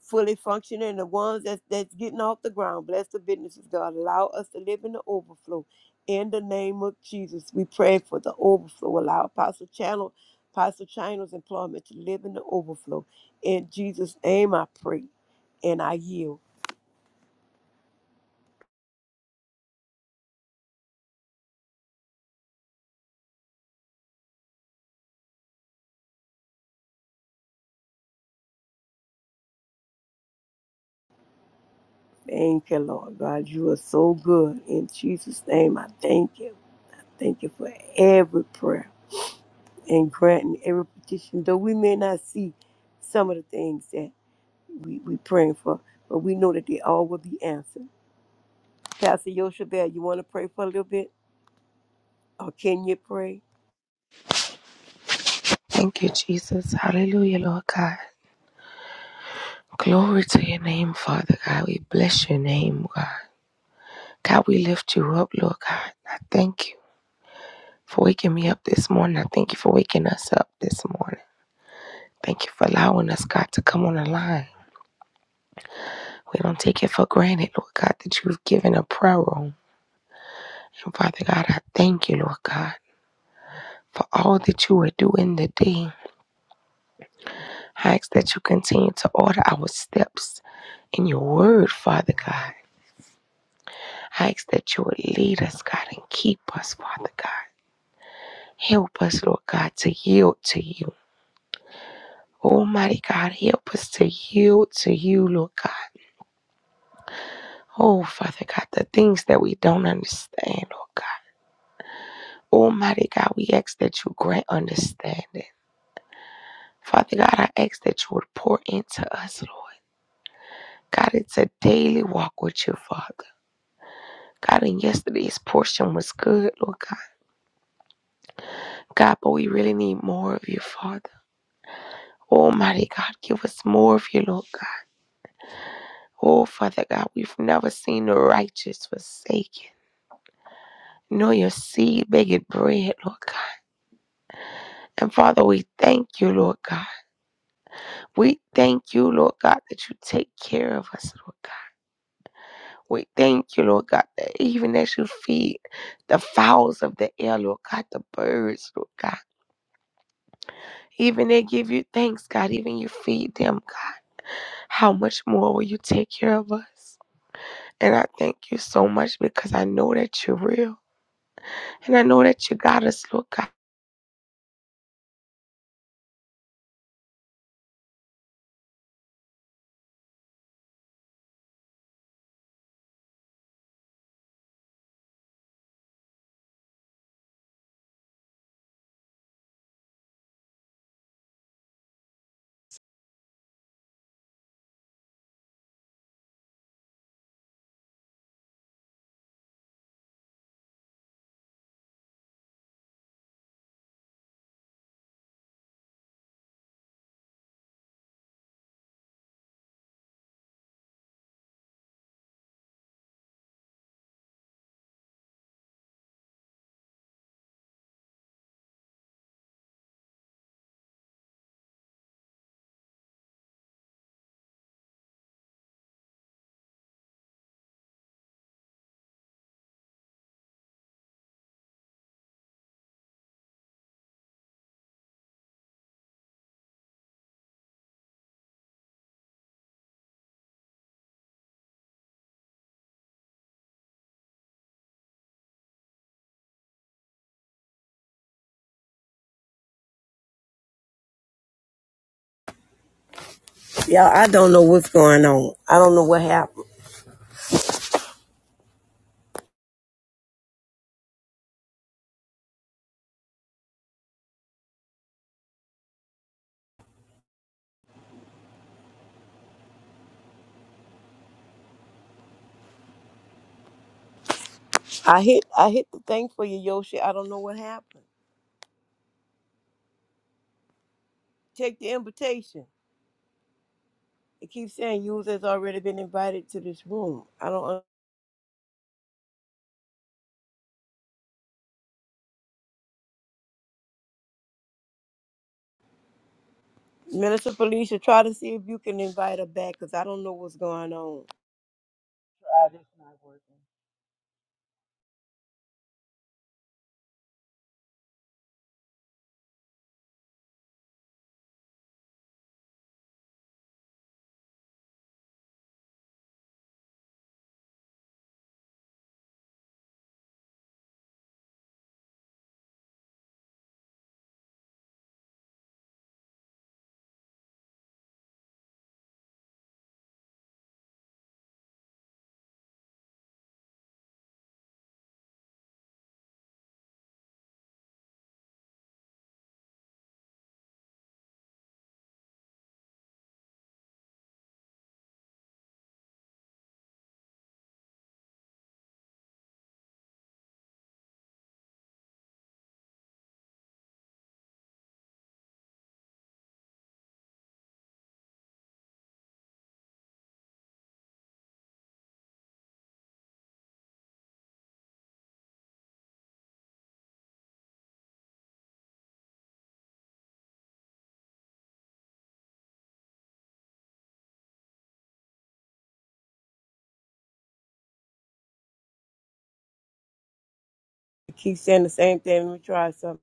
C: fully functioning, the ones that's, that's getting off the ground. Bless the businesses, God. Allow us to live in the overflow. In the name of Jesus, we pray for the overflow. Allow Apostle Channel, Apostle Channel's employment to live in the overflow. In Jesus' name, I pray and I yield. Thank you, Lord God. You are so good. In Jesus' name, I thank you. Thank you for every prayer and granting every petition, though we may not see some of the things that. we, we praying for, but we know that they all will be answered. Pastor Yoshabel, you want to pray for a little bit? Or can you pray?
D: Thank you, Jesus. Hallelujah, Lord God. Glory to your name, Father God. We bless your name, God. God, we lift you up, Lord God. I thank you for waking me up this morning. I thank you for waking us up this morning. Thank you for allowing us, God, to come on the line. We don't take it for granted, Lord God, that you've given a prayer room. And Father God, I thank you, Lord God, for all that you are doing today. I ask that you continue to order our steps in your word, Father God. I ask that you would lead us, God, and keep us, Father God. Help us, Lord God, to yield to you. Almighty God, help us to yield to you, Lord God. Oh, Father God, the things that we don't understand, Lord God. Almighty God, we ask that you grant understanding. Father God, I ask that you would pour into us, Lord. God, it's a daily walk with you, Father. God, and yesterday's portion was good, Lord God. God, but we really need more of you, Father. Almighty God, give us more of you, Lord God. Oh, Father God, we've never seen the righteous forsaken. Nor your seed begging bread, Lord God. And Father, we thank you, Lord God. We thank you, Lord God, that you take care of us, Lord God. We thank you, Lord God, that even as you feed the fowls of the air, Lord God, the birds, Lord God, even they give you thanks, God, even you feed them, God. How much more will you take care of us? And I thank you so much because I know that you're real. And I know that you got us, Lord God.
C: Yeah, I don't know what's going on. I don't know what happened. I hit I hit the thing for you, Yoshi. I don't know what happened. Take the invitation. It keeps saying you has already been invited to this room. I don't un- Minister Felicia, try to see if you can invite her back because I don't know what's going on.
B: Hallelujah.
C: It keeps saying the same thing. Let me try something.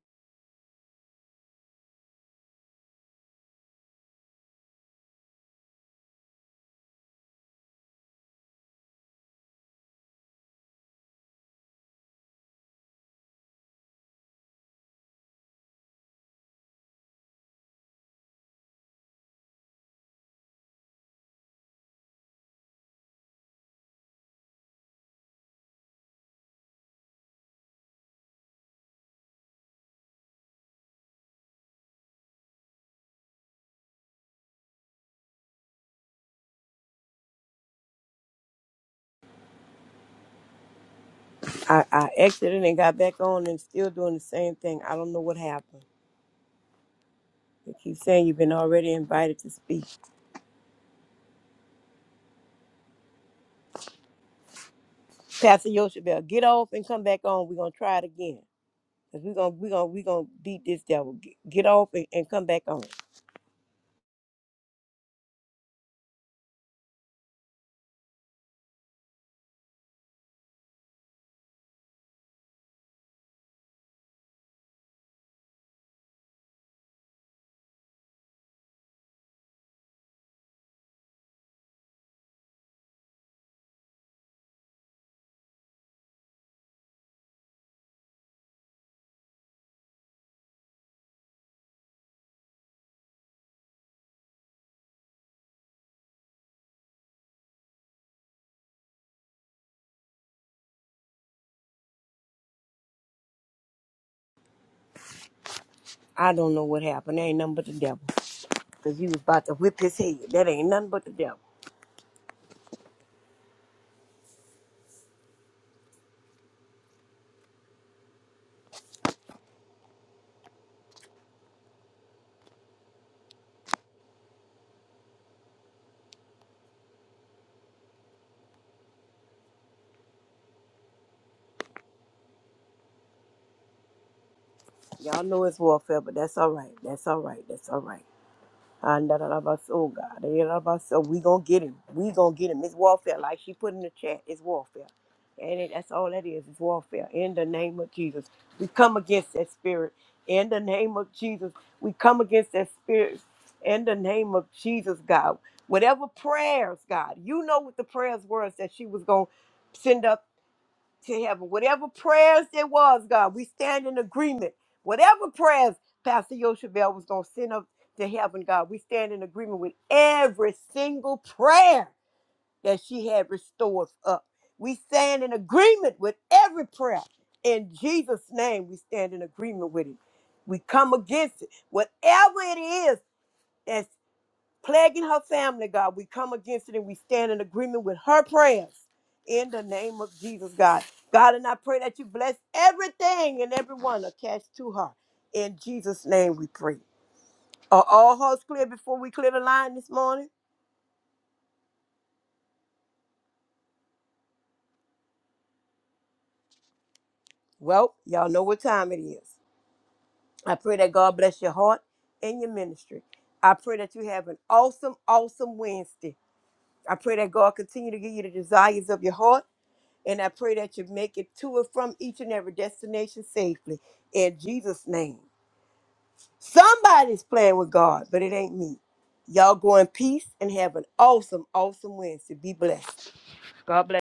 C: I, I exited and got back on and still doing the same thing. I don't know what happened. They keep saying you've been already invited to speak. Pastor Yoshabel, get off and come back on. We're gonna try it again. Cause we're gonna we gonna we gonna beat this devil. Get, get off and, and come back on. I don't know what happened. That ain't nothing but the devil. Cause he was about to whip his head. That ain't nothing but the devil. Y'all know it's warfare, but that's all right. That's all right. That's all right. And da, da, da, bus, oh God, da, da, da, bus, oh, we gonna get him. We gonna get him. It's warfare, like she put in the chat. It's warfare, and it, that's all that is. It's warfare. In the name of Jesus, we come against that spirit. In the name of Jesus, we come against that spirit. In the name of Jesus, God, whatever prayers, God, you know what the prayers were that she was gonna send up to heaven. Whatever prayers there was, God, we stand in agreement. Whatever prayers Pastor Yoshabel was going to send up to heaven, God, we stand in agreement with every single prayer that she had restored up. We stand in agreement with every prayer. In Jesus' name, we stand in agreement with it. We come against it. Whatever it is plaguing her family, God. We come against it and we stand in agreement with her prayers in the name of Jesus, God. God, and I pray that you bless everything and everyone attached to her. In Jesus' name we pray. Are all hearts clear before we clear the line this morning? Well, y'all know what time it is. I pray that God bless your heart and your ministry. I pray that you have an awesome, awesome Wednesday. I pray that God continue to give you the desires of your heart And I pray that you make it to and from each and every destination safely in Jesus' name. Somebody's playing with God, but it ain't me. Y'all go in peace and have an awesome, awesome Wednesday. Be blessed. God bless.